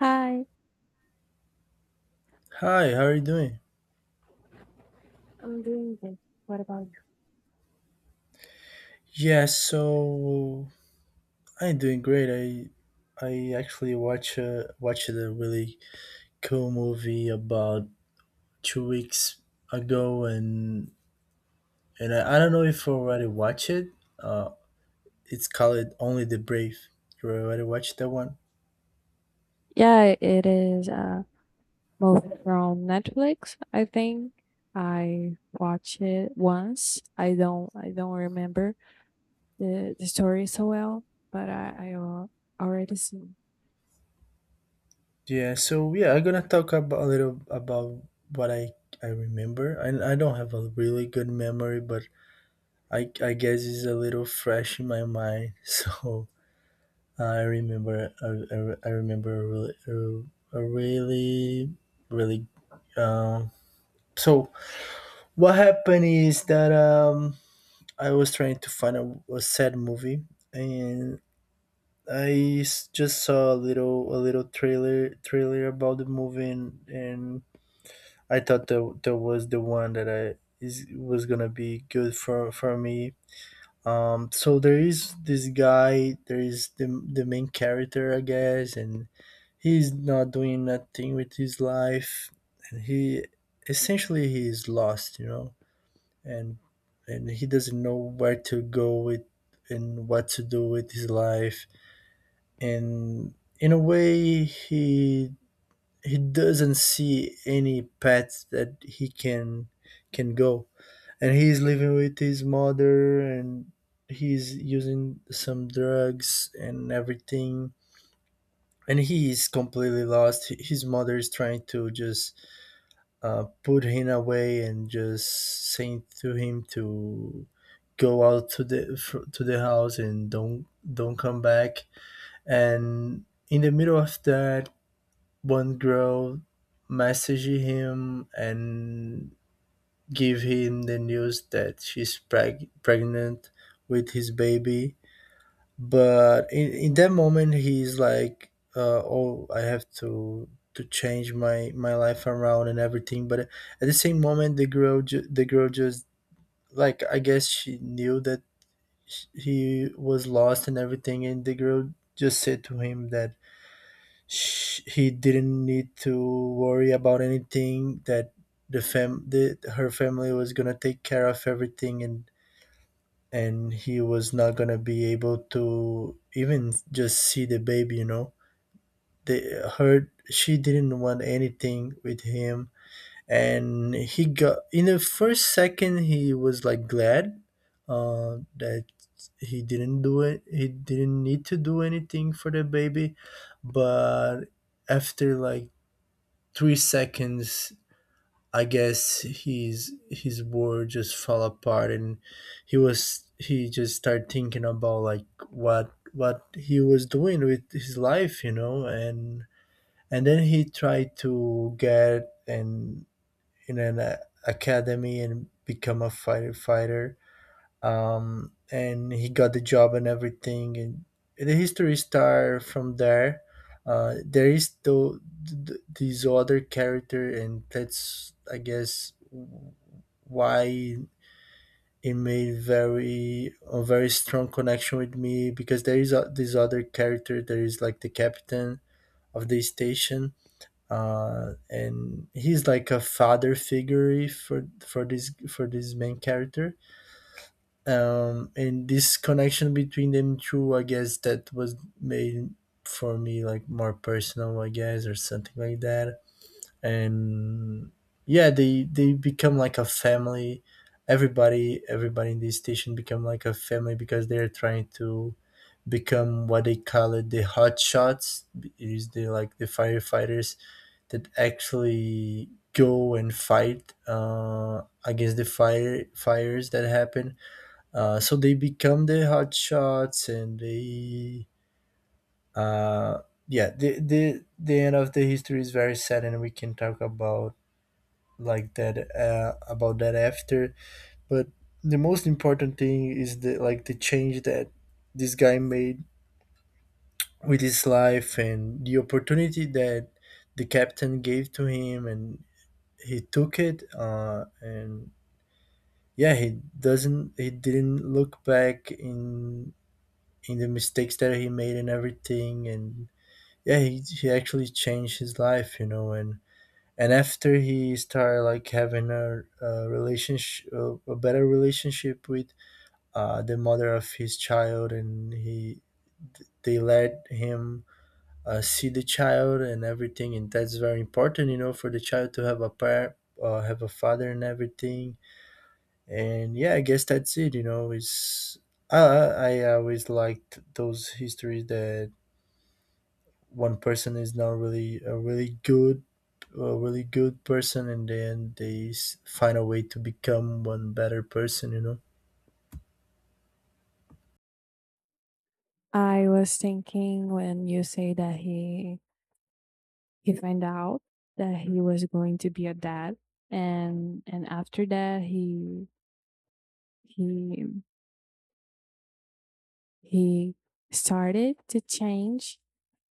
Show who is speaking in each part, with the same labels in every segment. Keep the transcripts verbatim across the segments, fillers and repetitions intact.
Speaker 1: Hi.
Speaker 2: Hi, how are you doing?
Speaker 1: I'm doing good. What about you?
Speaker 2: Yes, so I'm doing great. I I actually watch uh, watched a really cool movie about two weeks ago, and and I, I don't know if you already watched it. Uh, it's called Only the Brave. You already watched that one?
Speaker 1: Yeah, it is a movie from Netflix. I think I watched it once. I don't I don't remember the, the story so well, but I I al- already seen.
Speaker 2: Yeah. So yeah, I'm gonna talk about a little about what I I remember. I I don't have a really good memory, but I I guess it's a little fresh in my mind. So. I remember, I, I, I remember a really, a, a really, really. Um, so what happened is that um, I was trying to find a, a sad movie, and I s- just saw a little, a little trailer, trailer about the movie, and, and I thought that that was the one that I is was gonna be good for for me. Um, so there is this guy, there is the the main character, I guess, and he's not doing nothing with his life, and he essentially he is lost, you know, and and he doesn't know where to go with and what to do with his life, and in a way he he doesn't see any path that he can can go, and he's living with his mother and he's using some drugs and everything, and he is completely lost. H- his mother is trying to just uh, put him away and just saying to him to go out to the fr- to the house and don't don't come back. And in the middle of that, one girl messaged him and gave him the news that she's preg- pregnant with his baby. But in, in that moment, he's like, uh, "Oh, I have to to change my my life around and everything." But at the same moment, the girl ju- the girl just, like, I guess she knew that sh- he was lost and everything, and the girl just said to him that sh- he didn't need to worry about anything, that the fam the, her family was gonna take care of everything, and and he was not gonna be able to even just see the baby, you know. They her She didn't want anything with him, and he got, in the first second he was like glad uh, that he didn't do it, he didn't need to do anything for the baby. But after like three seconds, I guess his his world just fell apart, and he was he just started thinking about like what what he was doing with his life, you know. and and then he tried to get in in an uh, academy and become a fighter fighter. Um, and he got the job and everything, and the history started from there. uh, there is though th- this other character, and that's, I guess, why it made very a very strong connection with me, because there is a, this other character, there is like the captain of the station. Uh, and he's like a father figure for for this for this main character. Um, and this connection between them two, I guess, that was made for me like more personal, I guess, or something like that. And yeah, they they become like a family. Everybody everybody in this station become like a family, because they're trying to become what they call it, the hot shots. It is the, like, the firefighters that actually go and fight uh, against the fire fires that happen. Uh, so they become the hot shots, and they uh yeah, the the the end of the history is very sad, and we can talk about like that uh about that after. But the most important thing is the, like, the change that this guy made with his life, and the opportunity that the captain gave to him, and he took it. Uh and yeah, he doesn't he didn't look back in in the mistakes that he made and everything. And yeah, he, he actually changed his life, you know. and and after he started, like, having a, a relationship, a, a better relationship with uh, the mother of his child, and he they let him uh, see the child and everything, and that's very important, you know, for the child to have a parent, uh, have a father and everything. And yeah, I guess that's it, you know. It's I, I I always liked those histories that one person is not really a really good a really good person, and then they s- find a way to become one better person, you know.
Speaker 1: I was thinking when you say that he he find out that he was going to be a dad, and and after that he he he started to change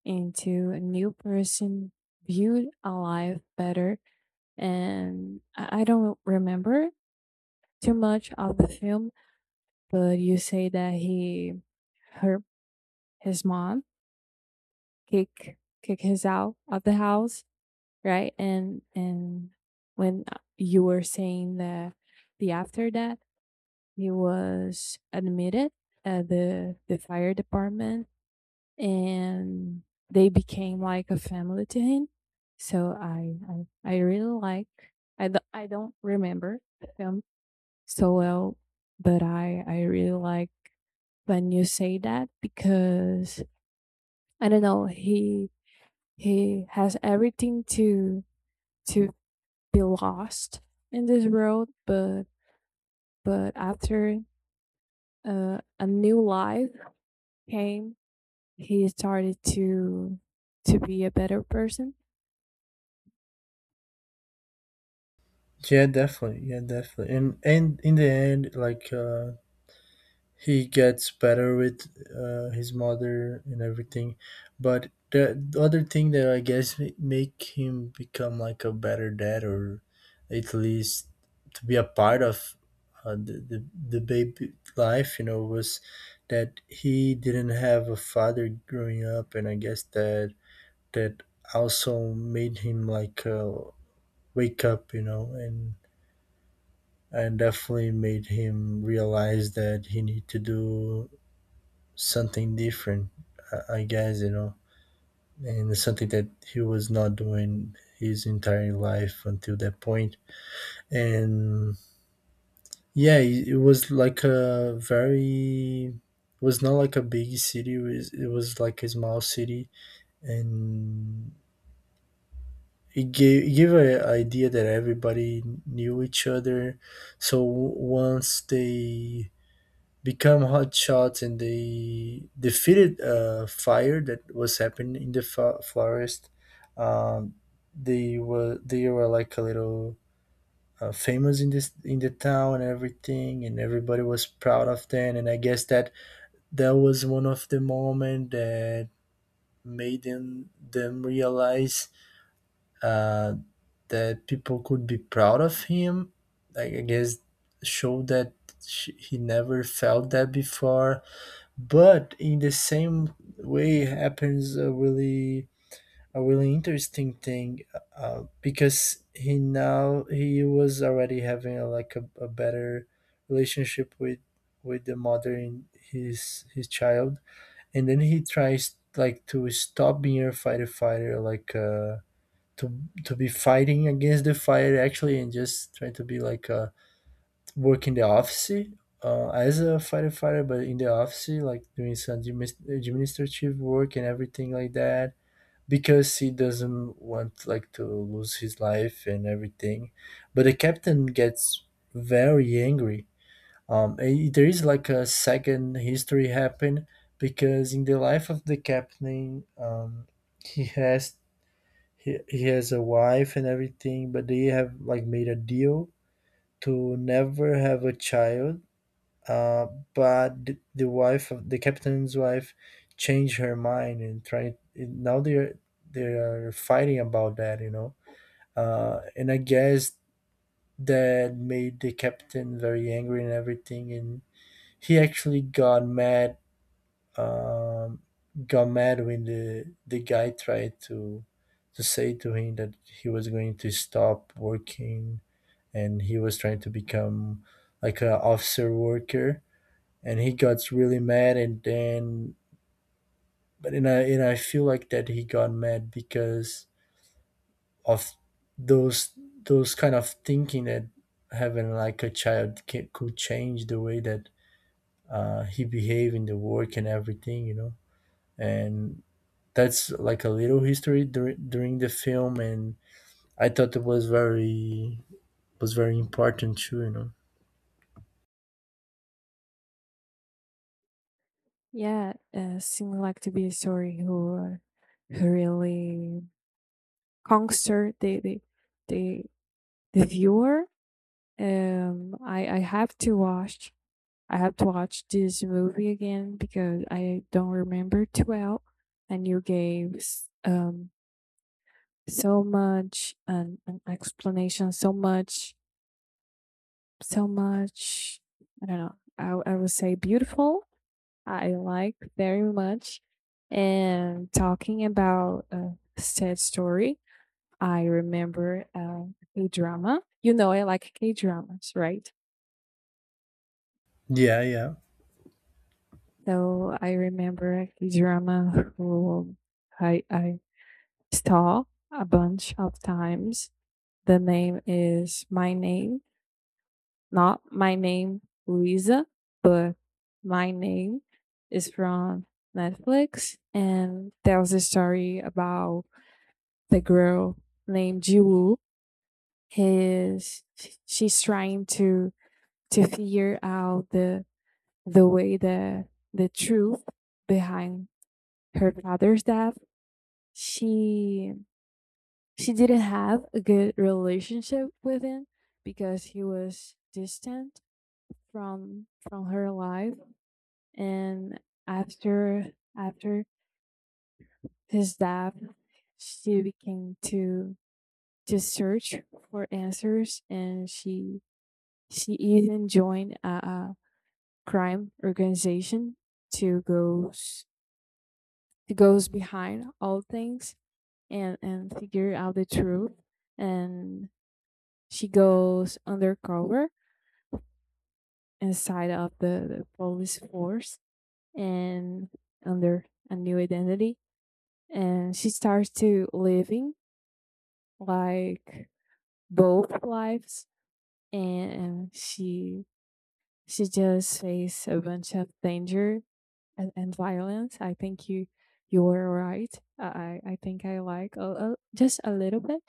Speaker 1: into a new person, viewed a life better. And I I don't remember too much of the film, but you say that he, her, his mom kick kick his out of the house, right? And and when uh, you were saying that the after that he was admitted at the the fire department, and they became like a family to him. So I I, I really like, I do, I don't remember the film so well, but I I really like when you say that, because I don't know, he he has everything to to be lost in this world, but but after uh, a new life came, he started to to be a better person.
Speaker 2: Yeah, definitely. Yeah, definitely. and and in the end, like, uh he gets better with uh, his mother and everything. But the the other thing that, I guess, ma- make him become like a better dad, or at least to be a part of uh, the, the the baby life, you know, was that he didn't have a father growing up, and I guess that that also made him, like, uh, wake up, you know. and and definitely made him realize that he need to do something different, I I guess, you know, and it's something that he was not doing his entire life until that point. And yeah, it it was like a very, it was not like a big city, it was, it was like a small city. And it gave, it gave an idea that everybody knew each other. So once they become hot shots and they defeated a fire that was happening in the fo- forest. Um, they were they were like a little uh, famous in this in the town and everything, and everybody was proud of them. And I guess that that was one of the moment that made them them realize uh, that people could be proud of him. Like, I guess, showed that sh he never felt that before. But in the same way happens a really a really interesting thing, uh, because he now he was already having a, like a, a better relationship with with the mother in his his child. And then he tries, like, to stop being a fighter fighter, like, uh to to be fighting against the fire actually, and just try to be like a work in the office uh, as a firefighter, but in the office, like, doing some adminis- administrative work and everything like that, because he doesn't want, like, to lose his life and everything. But the captain gets very angry. Um, and there is like a second history happen, because in the life of the captain, um, he has he, he has a wife and everything, but they have, like, made a deal to never have a child. uh, but the, the wife, of the captain's wife, changed her mind and tried. Now they're they are fighting about that, you know. Uh, and I guess that made the captain very angry and everything. And he actually got mad. Um, got mad when the the guy tried to to say to him that he was going to stop working, and he was trying to become like a officer worker, and he got really mad, and then. But and I and I feel like that he got mad because of those those kind of thinking, that having like a child ca could change the way that uh, he behave in the work and everything, you know. And that's like a little history dur- during the film, and I thought it was very was very important too, you know.
Speaker 1: Yeah, uh, seem like to be a story who are- who really concert the the the the viewer. Um, I I have to watch. I have to watch this movie again because I don't remember too well, and you gave s- um so much an, an explanation, so much, so much. I don't know. I I would say beautiful, I like very much. And talking about a sad story, I remember uh, a drama. You know, I like K dramas, right?
Speaker 2: Yeah, yeah.
Speaker 1: So I remember a K drama who I, I saw a bunch of times. The name is My Name, not My Name Luisa, but My Name is from Netflix, and tells a story about the girl named Jiwoo. Is she's trying to to figure out the the way, the the truth behind her father's death. She she didn't have a good relationship with him because he was distant from from her life, and after after his death she began to to search for answers, and she She even joined a, a crime organization to goes to goes behind all things, and and figure out the truth. And she goes undercover inside of the, the police force and under a new identity. And she starts to living like both lives, and she she just faced a bunch of danger and, and violence. I think you you were right. I I think I like a, a, just a little bit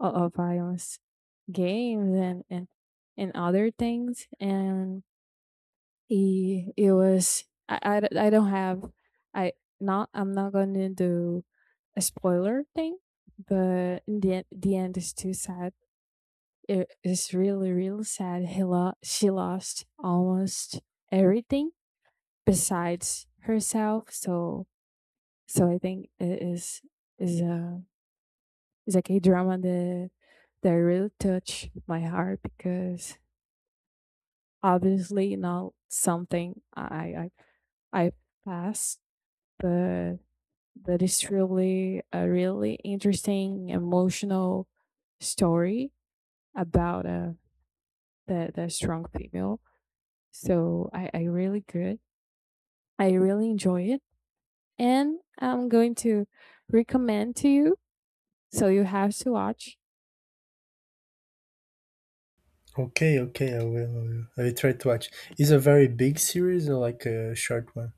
Speaker 1: of, of violence games and and and other things. And it, it was I, I d- I don't have I not I'm not gonna do a spoiler thing, but in the end, the end is too sad. It is really really sad. He lo- she lost almost everything besides herself. So So I think it is is a is like a K drama that that really touched my heart, because obviously not something I I I passed, but but it's really a really interesting emotional story about a the the strong female. So I I really good. I really enjoy it, and I'm going to recommend to you. So you have to watch.
Speaker 2: Okay, okay. I will. I will, I will try to watch. Is a very big series or like a short one?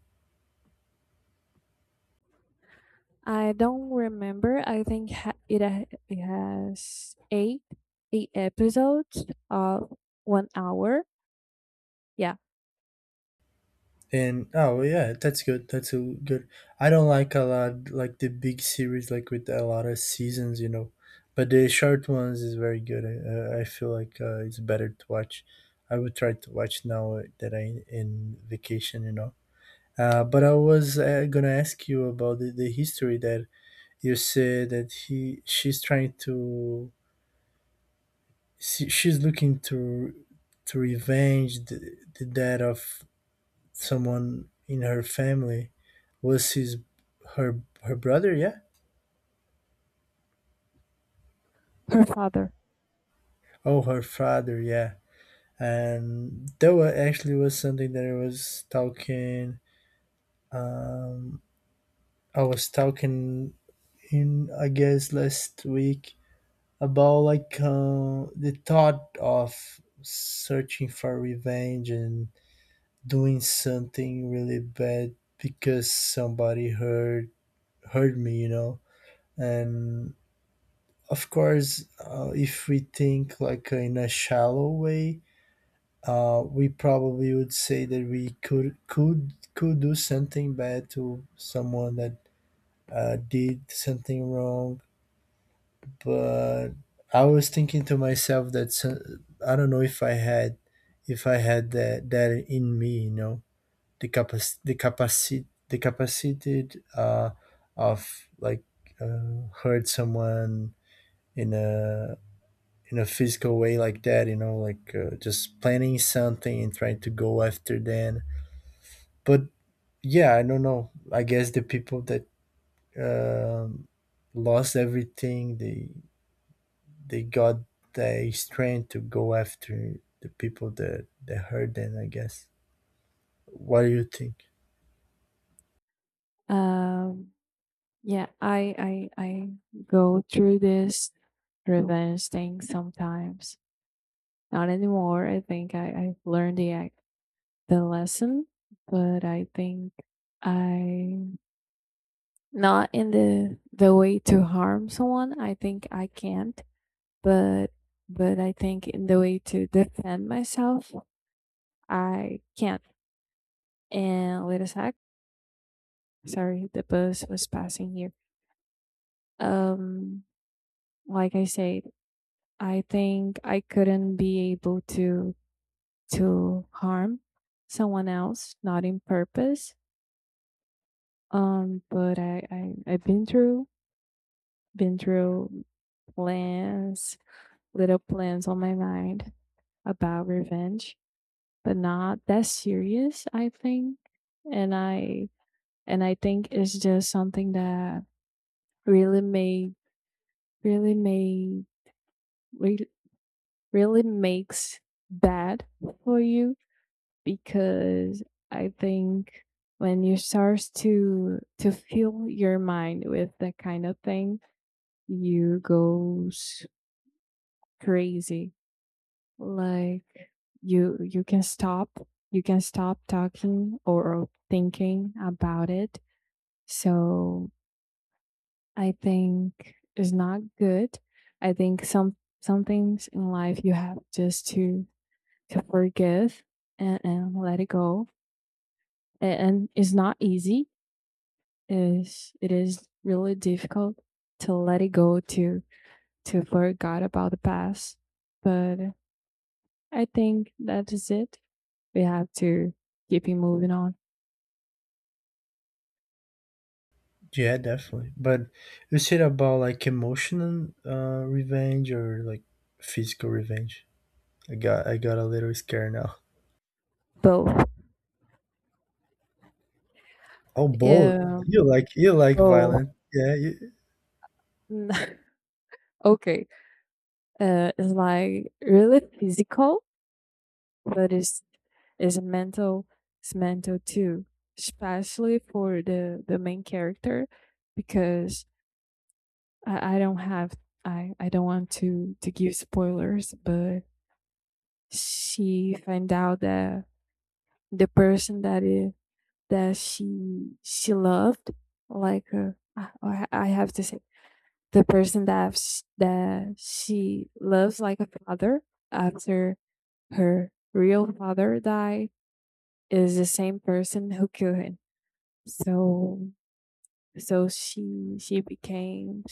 Speaker 1: I don't remember. I think ha- it ha- it has eight eight episodes of one hour. Yeah,
Speaker 2: And oh well, yeah, that's good. That's a good. I don't like a lot, like, the big series like with a lot of seasons, you know. But the short ones is very good. I, I feel like uh, it's better to watch. I would try to watch now that I in vacation, you know. Uh, but I was uh, gonna ask you about the, the history that you said that he she's trying to she, she's looking to to revenge the, the death of someone in her family. Was his her her brother? Yeah.
Speaker 1: her father.
Speaker 2: Oh, her father, yeah. And that wa actually was something that I was talking. Um, I was talking in, I guess, last week about, like, uh, the thought of searching for revenge and doing something really bad because somebody hurt hurt me, you know. And of course, uh, if we think like uh, in a shallow way, uh, we probably would say that we could could could do something bad to someone that uh, did something wrong. But I was thinking to myself that so- I don't know if I had if I had that that in me, you know, the capac the capacity the capacity uh, of like uh, hurt someone in a in a physical way like that, you know, like uh, just planning something and trying to go after then. But yeah, I don't know. I guess the people that um, lost everything, they they got the strength to go after the people that that hurt them, I guess. What do you think?
Speaker 1: Um, yeah, I I I go through this revenge thing sometimes. Not anymore. I think I I learned the ac- the lesson, but I think I not in the the way to harm someone. I think I can't, but but I think in the way to defend myself, I can't. And wait a sec. Sorry, the bus was passing here. Um, like I said, I think I couldn't be able to to harm someone else, not in purpose. Um, but I, I I've been through been through plans, little plans on my mind about revenge, but not that serious, I think. And I and I think it's just something that really made really made re- really makes bad for you, because I think when you start to to fill your mind with that kind of thing, you goes crazy. Like you you can stop you can stop talking or thinking about it. So I think it's not good. I think some some things in life you have just to to forgive, and, and let it go. And, and it's not easy. Is it is really difficult to let it go, to to forget about the past. But I think that is it. We have to keep it moving on.
Speaker 2: Yeah, definitely. But you said about like emotional uh, revenge or like physical revenge. I got I got a little scared now.
Speaker 1: Both.
Speaker 2: Oh, both.
Speaker 1: Yeah,
Speaker 2: You like, you like
Speaker 1: both.
Speaker 2: violent. Yeah, you,
Speaker 1: Okay. Uh, it's like really physical, but it's it's mental it's mental too, especially for the the main character, because i, I don't have i i don't want to to give spoilers, but she find out that the person that it, that she she loved like uh, I I have to say the person that sh- that she loves like a father, after her real father died, is the same person who killed him. So so she she became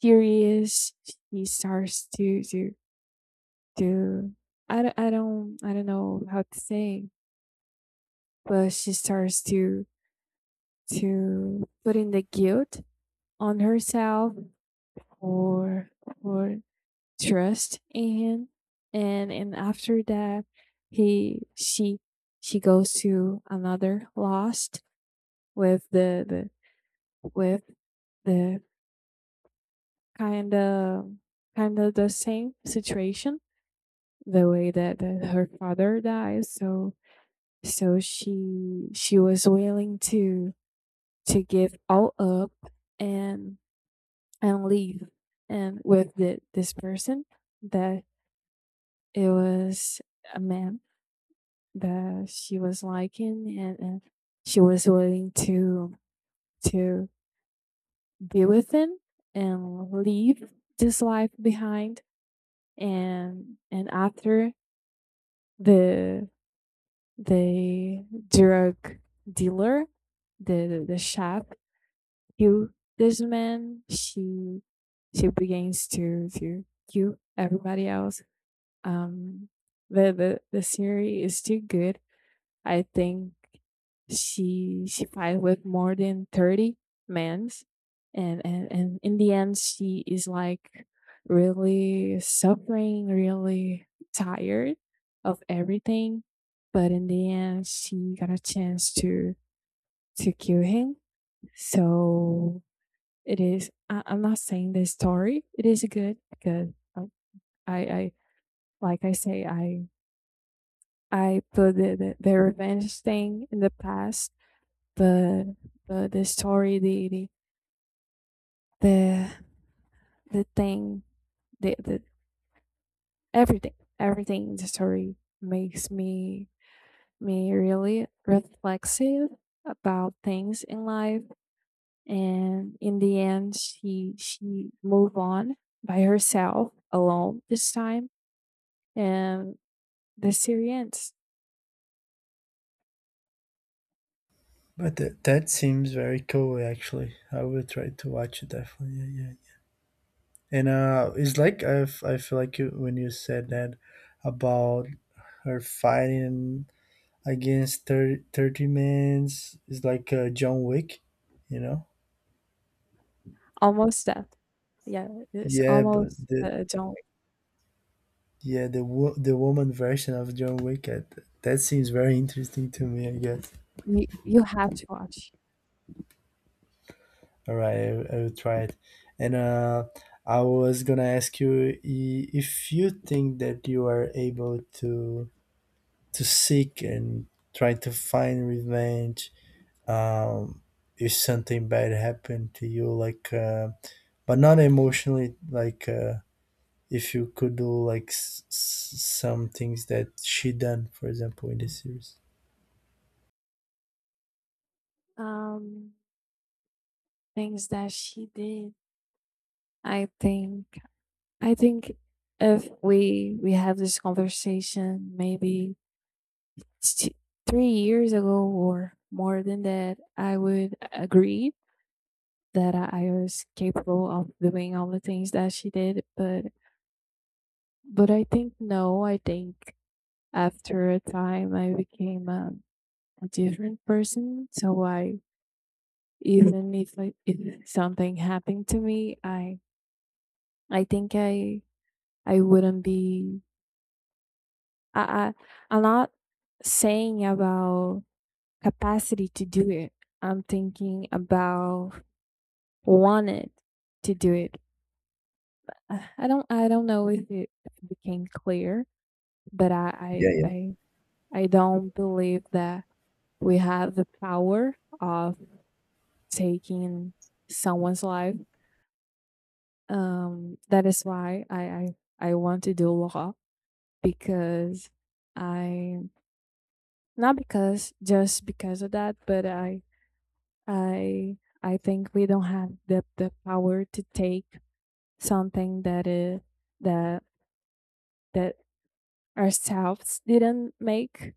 Speaker 1: furious. She starts to to to I don't, I don't I don't know how to say, but she starts to to put in the guilt on herself, or or trust in him, and and after that he she she goes to another lost with the the with the kind of kind of the same situation, the way that, that her father dies, so so she she was willing to to give all up, and and leave, and with the, this person that it was a man that she was liking, and, and she was willing to to be with him and leave this life behind, and and after the the drug dealer, the the chef killed this man. She she begins to to kill everybody else. Um, the the the series is too good. I think she she fight with more than thirty men's, and, and and in the end she is like really suffering, really tired of everything, but in the end she got a chance to to kill him. So it is, I, I'm not saying the story it is good, because I I like I say, i i put the, the, the revenge thing in the past. the the, the story, the, the the the thing, the, the everything, everything in the story makes me me really reflexive about things in life. And in the end, she she moved on by herself, alone this time, and the series ends
Speaker 2: but that that seems very cool actually. I will try to watch it definitely. Yeah, yeah, yeah. And uh, it's like I, f- I feel like you, when you said that about her fighting against thirty thirty men's is like uh, John Wick, you know?
Speaker 1: almost death. Yeah, it's
Speaker 2: Yeah, but
Speaker 1: almost
Speaker 2: the
Speaker 1: uh, don't.
Speaker 2: yeah, the wo- the woman version of John Wick uh, th- that seems very interesting to me, I guess.
Speaker 1: You, you have to watch.
Speaker 2: All right, I, I will try it. And uh, I was gonna ask you i- if you think that you are able to to seek and try to find revenge, um, if something bad happened to you, like, uh, but not emotionally, like uh, if you could do like s- s- some things that she done, for example, in the series.
Speaker 1: um Things that she did, I think I think if we we have this conversation maybe t- three years ago or more than that, I would agree that I I was capable of doing all the things that she did. But but I think no, I think after a time I became a, a different person. So I, even if I, if something happened to me, I I think I I wouldn't be. I, I I'm not saying about capacity to do it. I'm thinking about wanted to do it. Uh, I don't I don't know if it became clear, but I
Speaker 2: Yeah,
Speaker 1: I
Speaker 2: yeah.
Speaker 1: I, I don't believe that we have the power of taking someone's life. Um, that is why I I, I want to do law, because I not because just because of that, but I I I think we don't have the the power to take something that uh, that that ourselves didn't make.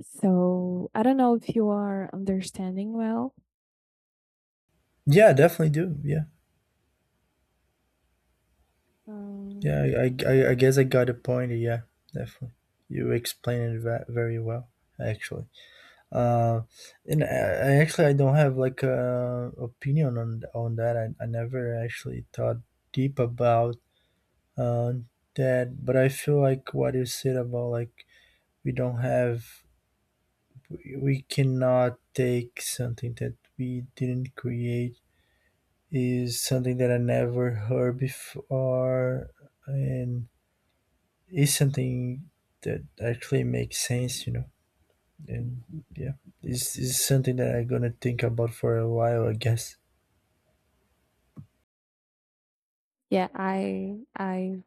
Speaker 1: So I don't know if you are understanding well.
Speaker 2: Yeah, definitely do. Yeah.
Speaker 1: Um,
Speaker 2: Yeah, I, I, I guess I got a point. Yeah, definitely. You explained it ve- very well, actually. Uh, and I, I actually I don't have like a opinion on on that. I, I never actually thought deep about uh, that, but I feel like what you said about like we don't have, we we cannot take something that we didn't create is something that I never heard before, and is something that actually makes sense, you know. And yeah, it's, it's something that I'm gonna think about for a while, I guess.
Speaker 1: yeah. I I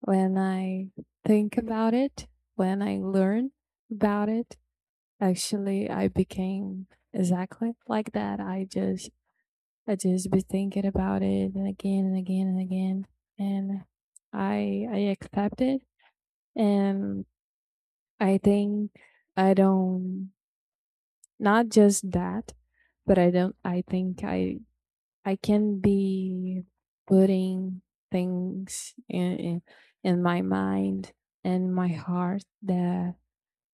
Speaker 1: When I think about it, when I learn about it, actually I became exactly like that. I just I just be thinking about it, and again and again and again. And I I accept it, and I think, I don't not just that, but I don't I think I I can be putting things in in, in my mind and my heart that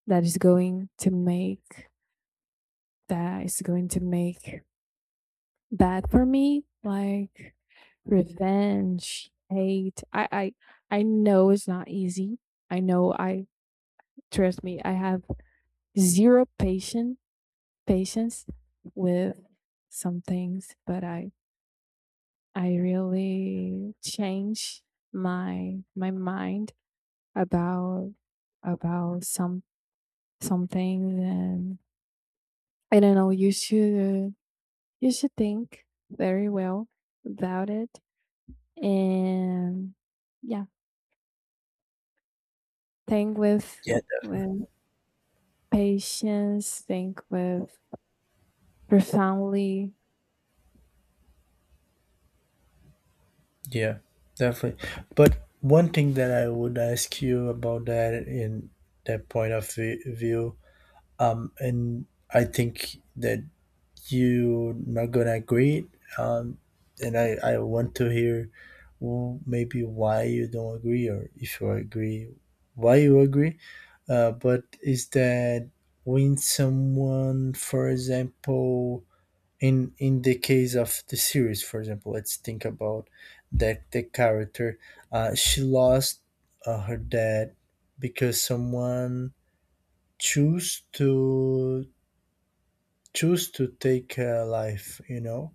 Speaker 1: that is going to make, that is going to make bad for me, like revenge, hate. I i i know it's not easy. I know. I Trust me, I have zero patient patience with some things, but i i really change my my mind about about some some things. And I don't know, you should you should think very well about it. And yeah, think with
Speaker 2: Yeah,
Speaker 1: with patience, think with profoundly.
Speaker 2: yeah, definitely. But one thing that I would ask you about that in that point of vi- view, um, and I think that you're not gonna agree, um, and I, I want to hear, well, maybe why you don't agree, or if you agree, why you agree. Uh, but is that when someone, for example, in in the case of the series, for example, let's think about that the character, uh, she lost uh, her dad because someone choose to choose to take her life. You know,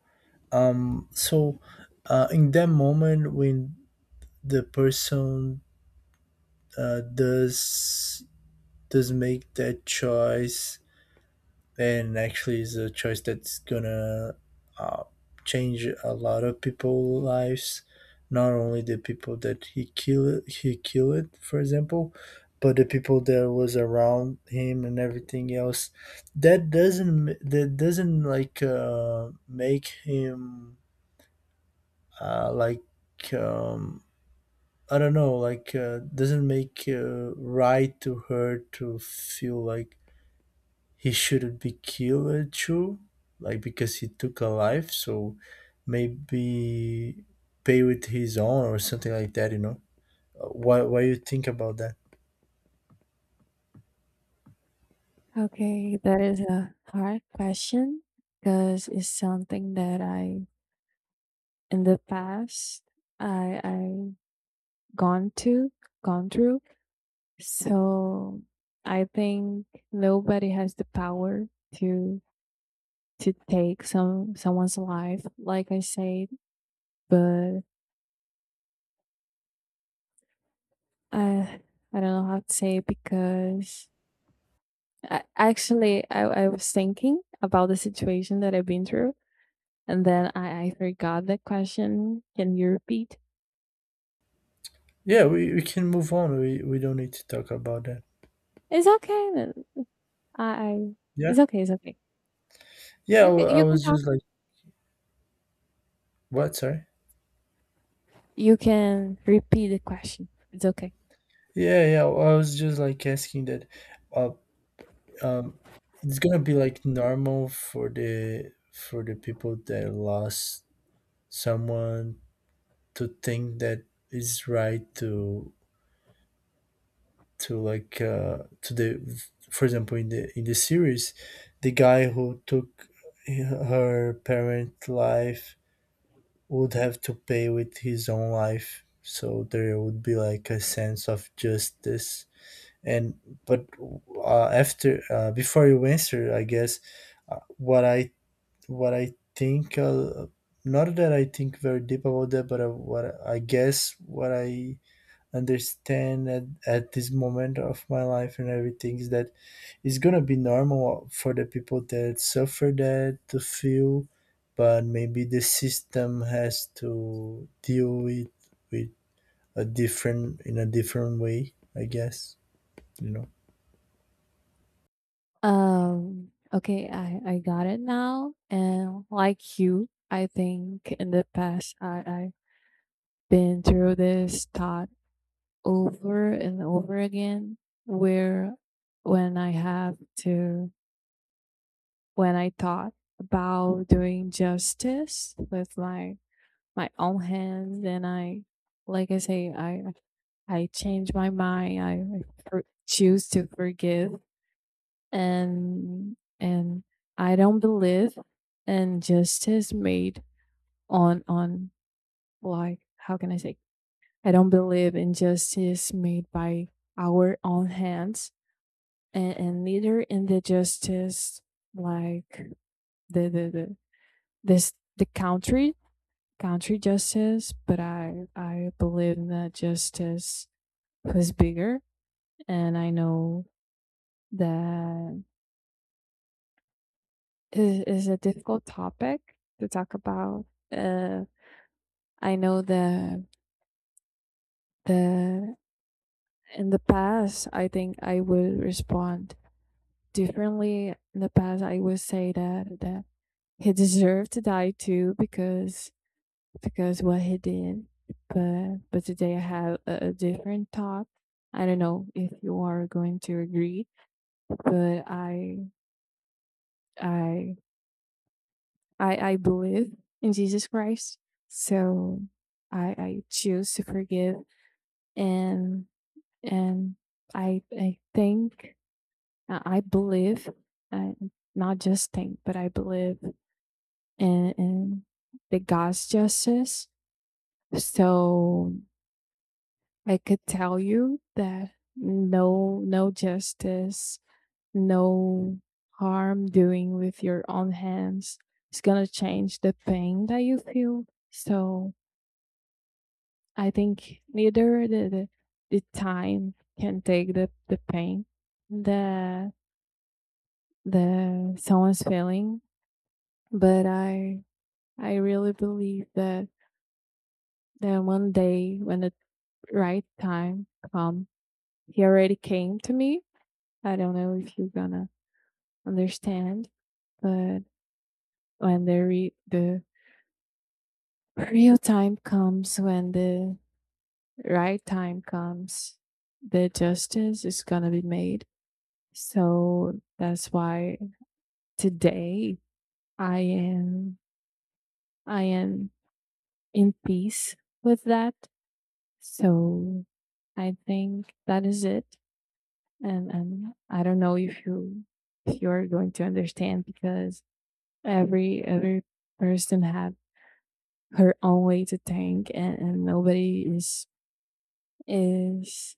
Speaker 2: um, so uh, in that moment when the person uh, does does make that choice, and actually is a choice that's gonna uh, change a lot of people's lives, not only the people that he killed he killed, for example, but the people that was around him and everything else, that doesn't m- that doesn't like uh, make him uh, like um, I don't know, like uh, doesn't make uh, right to her to feel like he shouldn't be killed too, like, because he took a life. So maybe pay with his own or something like that. You know, what? Why you think about that?
Speaker 1: Okay, that is a hard question, because it's something that I, in the past, I I gone to gone through. So I think nobody has the power to to take some someone's life, like I said, but Uh, I don't know how to say it, because I, actually I, I was thinking about the situation that I've been through, and then I, I forgot the question. Can you repeat?
Speaker 2: Yeah, we, we can move on. We we don't need to talk about that.
Speaker 1: It's okay then. I, I
Speaker 2: Yeah,
Speaker 1: It's okay, it's okay.
Speaker 2: yeah. I,
Speaker 1: You
Speaker 2: wa-
Speaker 1: can
Speaker 2: I
Speaker 1: you can
Speaker 2: was
Speaker 1: talk.
Speaker 2: just like, what? Sorry.
Speaker 1: You can repeat the question. It's okay.
Speaker 2: Yeah, yeah. I was just like asking that. Uh, um, it's gonna be like normal for the for the people that lost someone to think that it's right to to like uh, to the for example in the in the series the guy who took her parent life would have to pay with his own life, so there would be like a sense of justice, and but uh, after uh, before you answer I guess uh, what i what I think uh, not that I think very deep about that, but uh, what I guess what I understand at, at this moment of my life and everything is that it's gonna be normal for the people that suffer that to feel, but maybe the system has to deal with with a different in a different way, I guess, you know.
Speaker 1: Um okay, I, I got it now. And like you, I think in the past I, I've been through this thought over and over again where when I have to when I thought about doing justice with my my own hands. And I like I say I I changed my mind. I, I for, choose to forgive. And and I don't believe in justice made on on like how can I say I don't believe in justice made by our own hands, and, and leader in the justice, like the the, the this the country country justice. But i i believe in that justice was bigger, and I know that it is a difficult topic to talk about. uh I know that the in the past I think I would respond differently. In the past I would say that that he deserved to die too because because what he did. But but today I have a, a different thought. I don't know if you are going to agree, but I I I, I believe in Jesus Christ. So I I choose to forgive. And and I I think I believe I not just think, but I believe in in the God's justice. So I could tell you that no no justice, no harm doing with your own hands is gonna change the pain that you feel. So I think neither the the, the time can take the, the pain that the someone's feeling. But I I really believe that that one day when the right time comes, he already came to me. I don't know if you're gonna understand, but when the re- the real time comes, when the right time comes, the justice is gonna be made. So that's why today I am I am in peace with that. So I think that is it. And and I don't know if you, if you're going to understand, because every every person have her own way to think, and, and nobody is, is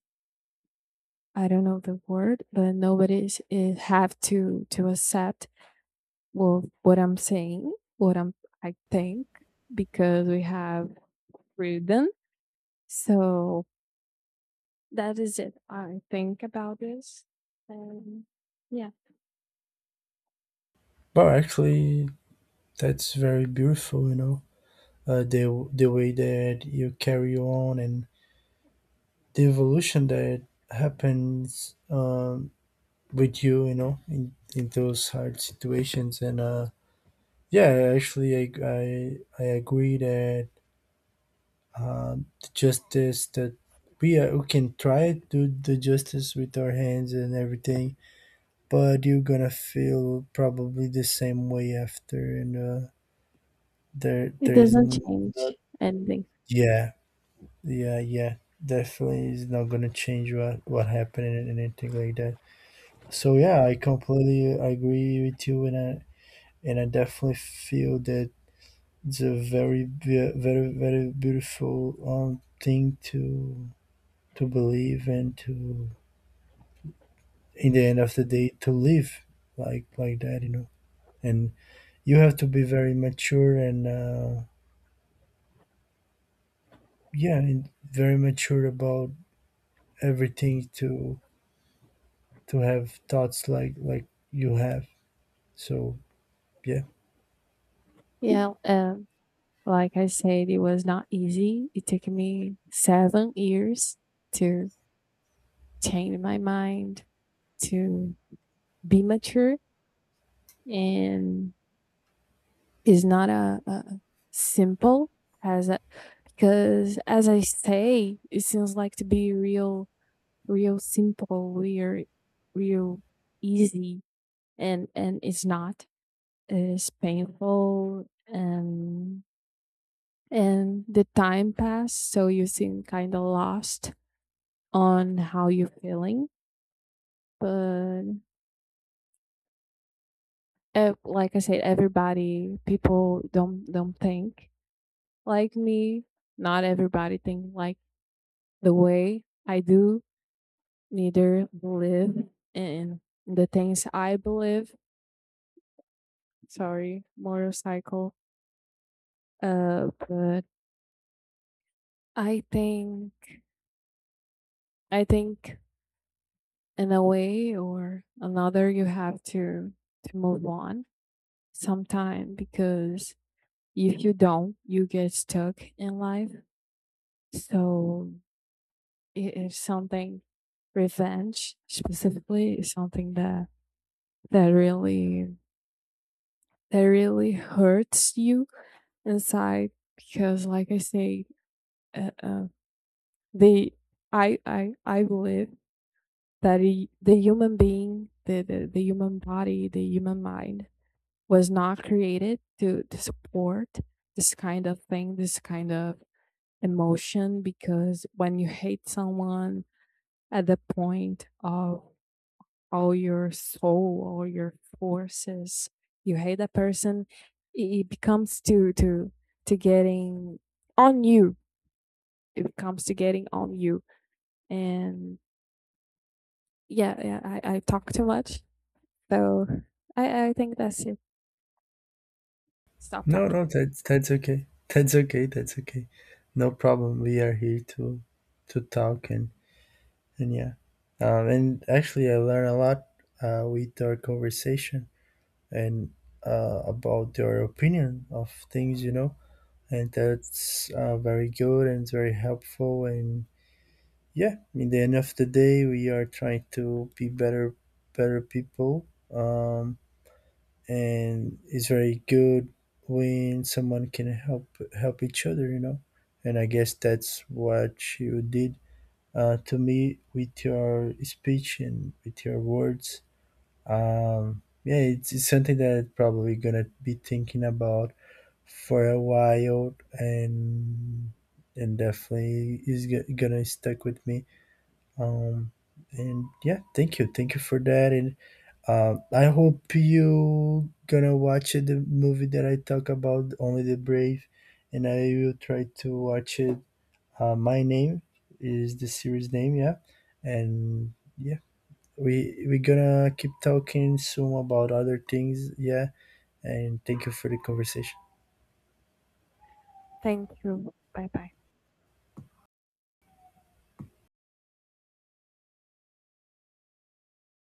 Speaker 1: I don't know the word, but nobody is, is have to to accept well what I'm saying, what I'm I think, because we have freedom. So that is it. I think about this, and yeah,
Speaker 2: But actually that's very beautiful, you know, uh, the the way that you carry on and the evolution that happens um, with you, you know, in, in those hard situations. And uh, yeah, actually, I I, I agree that uh, the justice that we are, we can try to do the justice with our hands and everything, but you're gonna feel probably the same way after, and uh, there
Speaker 1: it
Speaker 2: there is
Speaker 1: doesn't
Speaker 2: n- not,
Speaker 1: change anything.
Speaker 2: yeah, yeah, yeah, definitely is not gonna change what what happened and anything like that. So yeah, I completely agree with you, and I, and I definitely feel that it's a very be- very very beautiful um, thing to to believe and to, in the end of the day, to live like like that, you know. And you have to be very mature and uh, yeah, and very mature about everything to to have thoughts like like you have, so yeah.
Speaker 1: Yeah, um, like I said, it was not easy. It took me seven years to change my mind, to be mature. And is not a, a simple as a, because as I say, it seems like to be real, real simple, real, real easy, and and it's not. It's painful. And and the time passed, so you seem kind of lost on how you're feeling. But uh, like I said, everybody, people don't don't think like me. Not everybody think like the way I do. Neither believe in the things I believe. Sorry, motorcycle. Uh, but I think I think in a way or another, you have to to move on sometime, because if you don't, you get stuck in life. So it is something, revenge specifically is something that that really that really hurts you inside. Because like I say uh, uh, they I i i believe that the the human being, the, the the human body, the human mind was not created to to support this kind of thing, this kind of emotion. Because when you hate someone at the point of all your soul, all your forces, you hate that person. It it becomes to to to getting on you. It comes to getting on you. And yeah, yeah, I, I talk too much. So I, I think that's it. Stop
Speaker 2: No,
Speaker 1: talking.
Speaker 2: no, that's that's okay, that's okay, that's okay. No problem, we are here to to talk. and And yeah, um, and actually, I learned a lot uh, with our conversation and uh, about your opinion of things, you know, and that's uh, very good, and it's very helpful. And yeah, in the end of the day, we are trying to be better, better people. Um, and it's very good when someone can help help each other, you know. And I guess that's what you did uh, to me with your speech and with your words. Um, yeah, it's, it's something that probably gonna be thinking about for a while, and and definitely is go- gonna stick with me. Um, and yeah, thank you, thank you for that. And um, I hope you gonna watch the movie that I talk about, Only the Brave, and I will try to watch it uh, my name is the series name, yeah. And yeah, we we're gonna keep talking soon about other things, yeah. And thank you for the conversation.
Speaker 1: Thank you. Bye bye.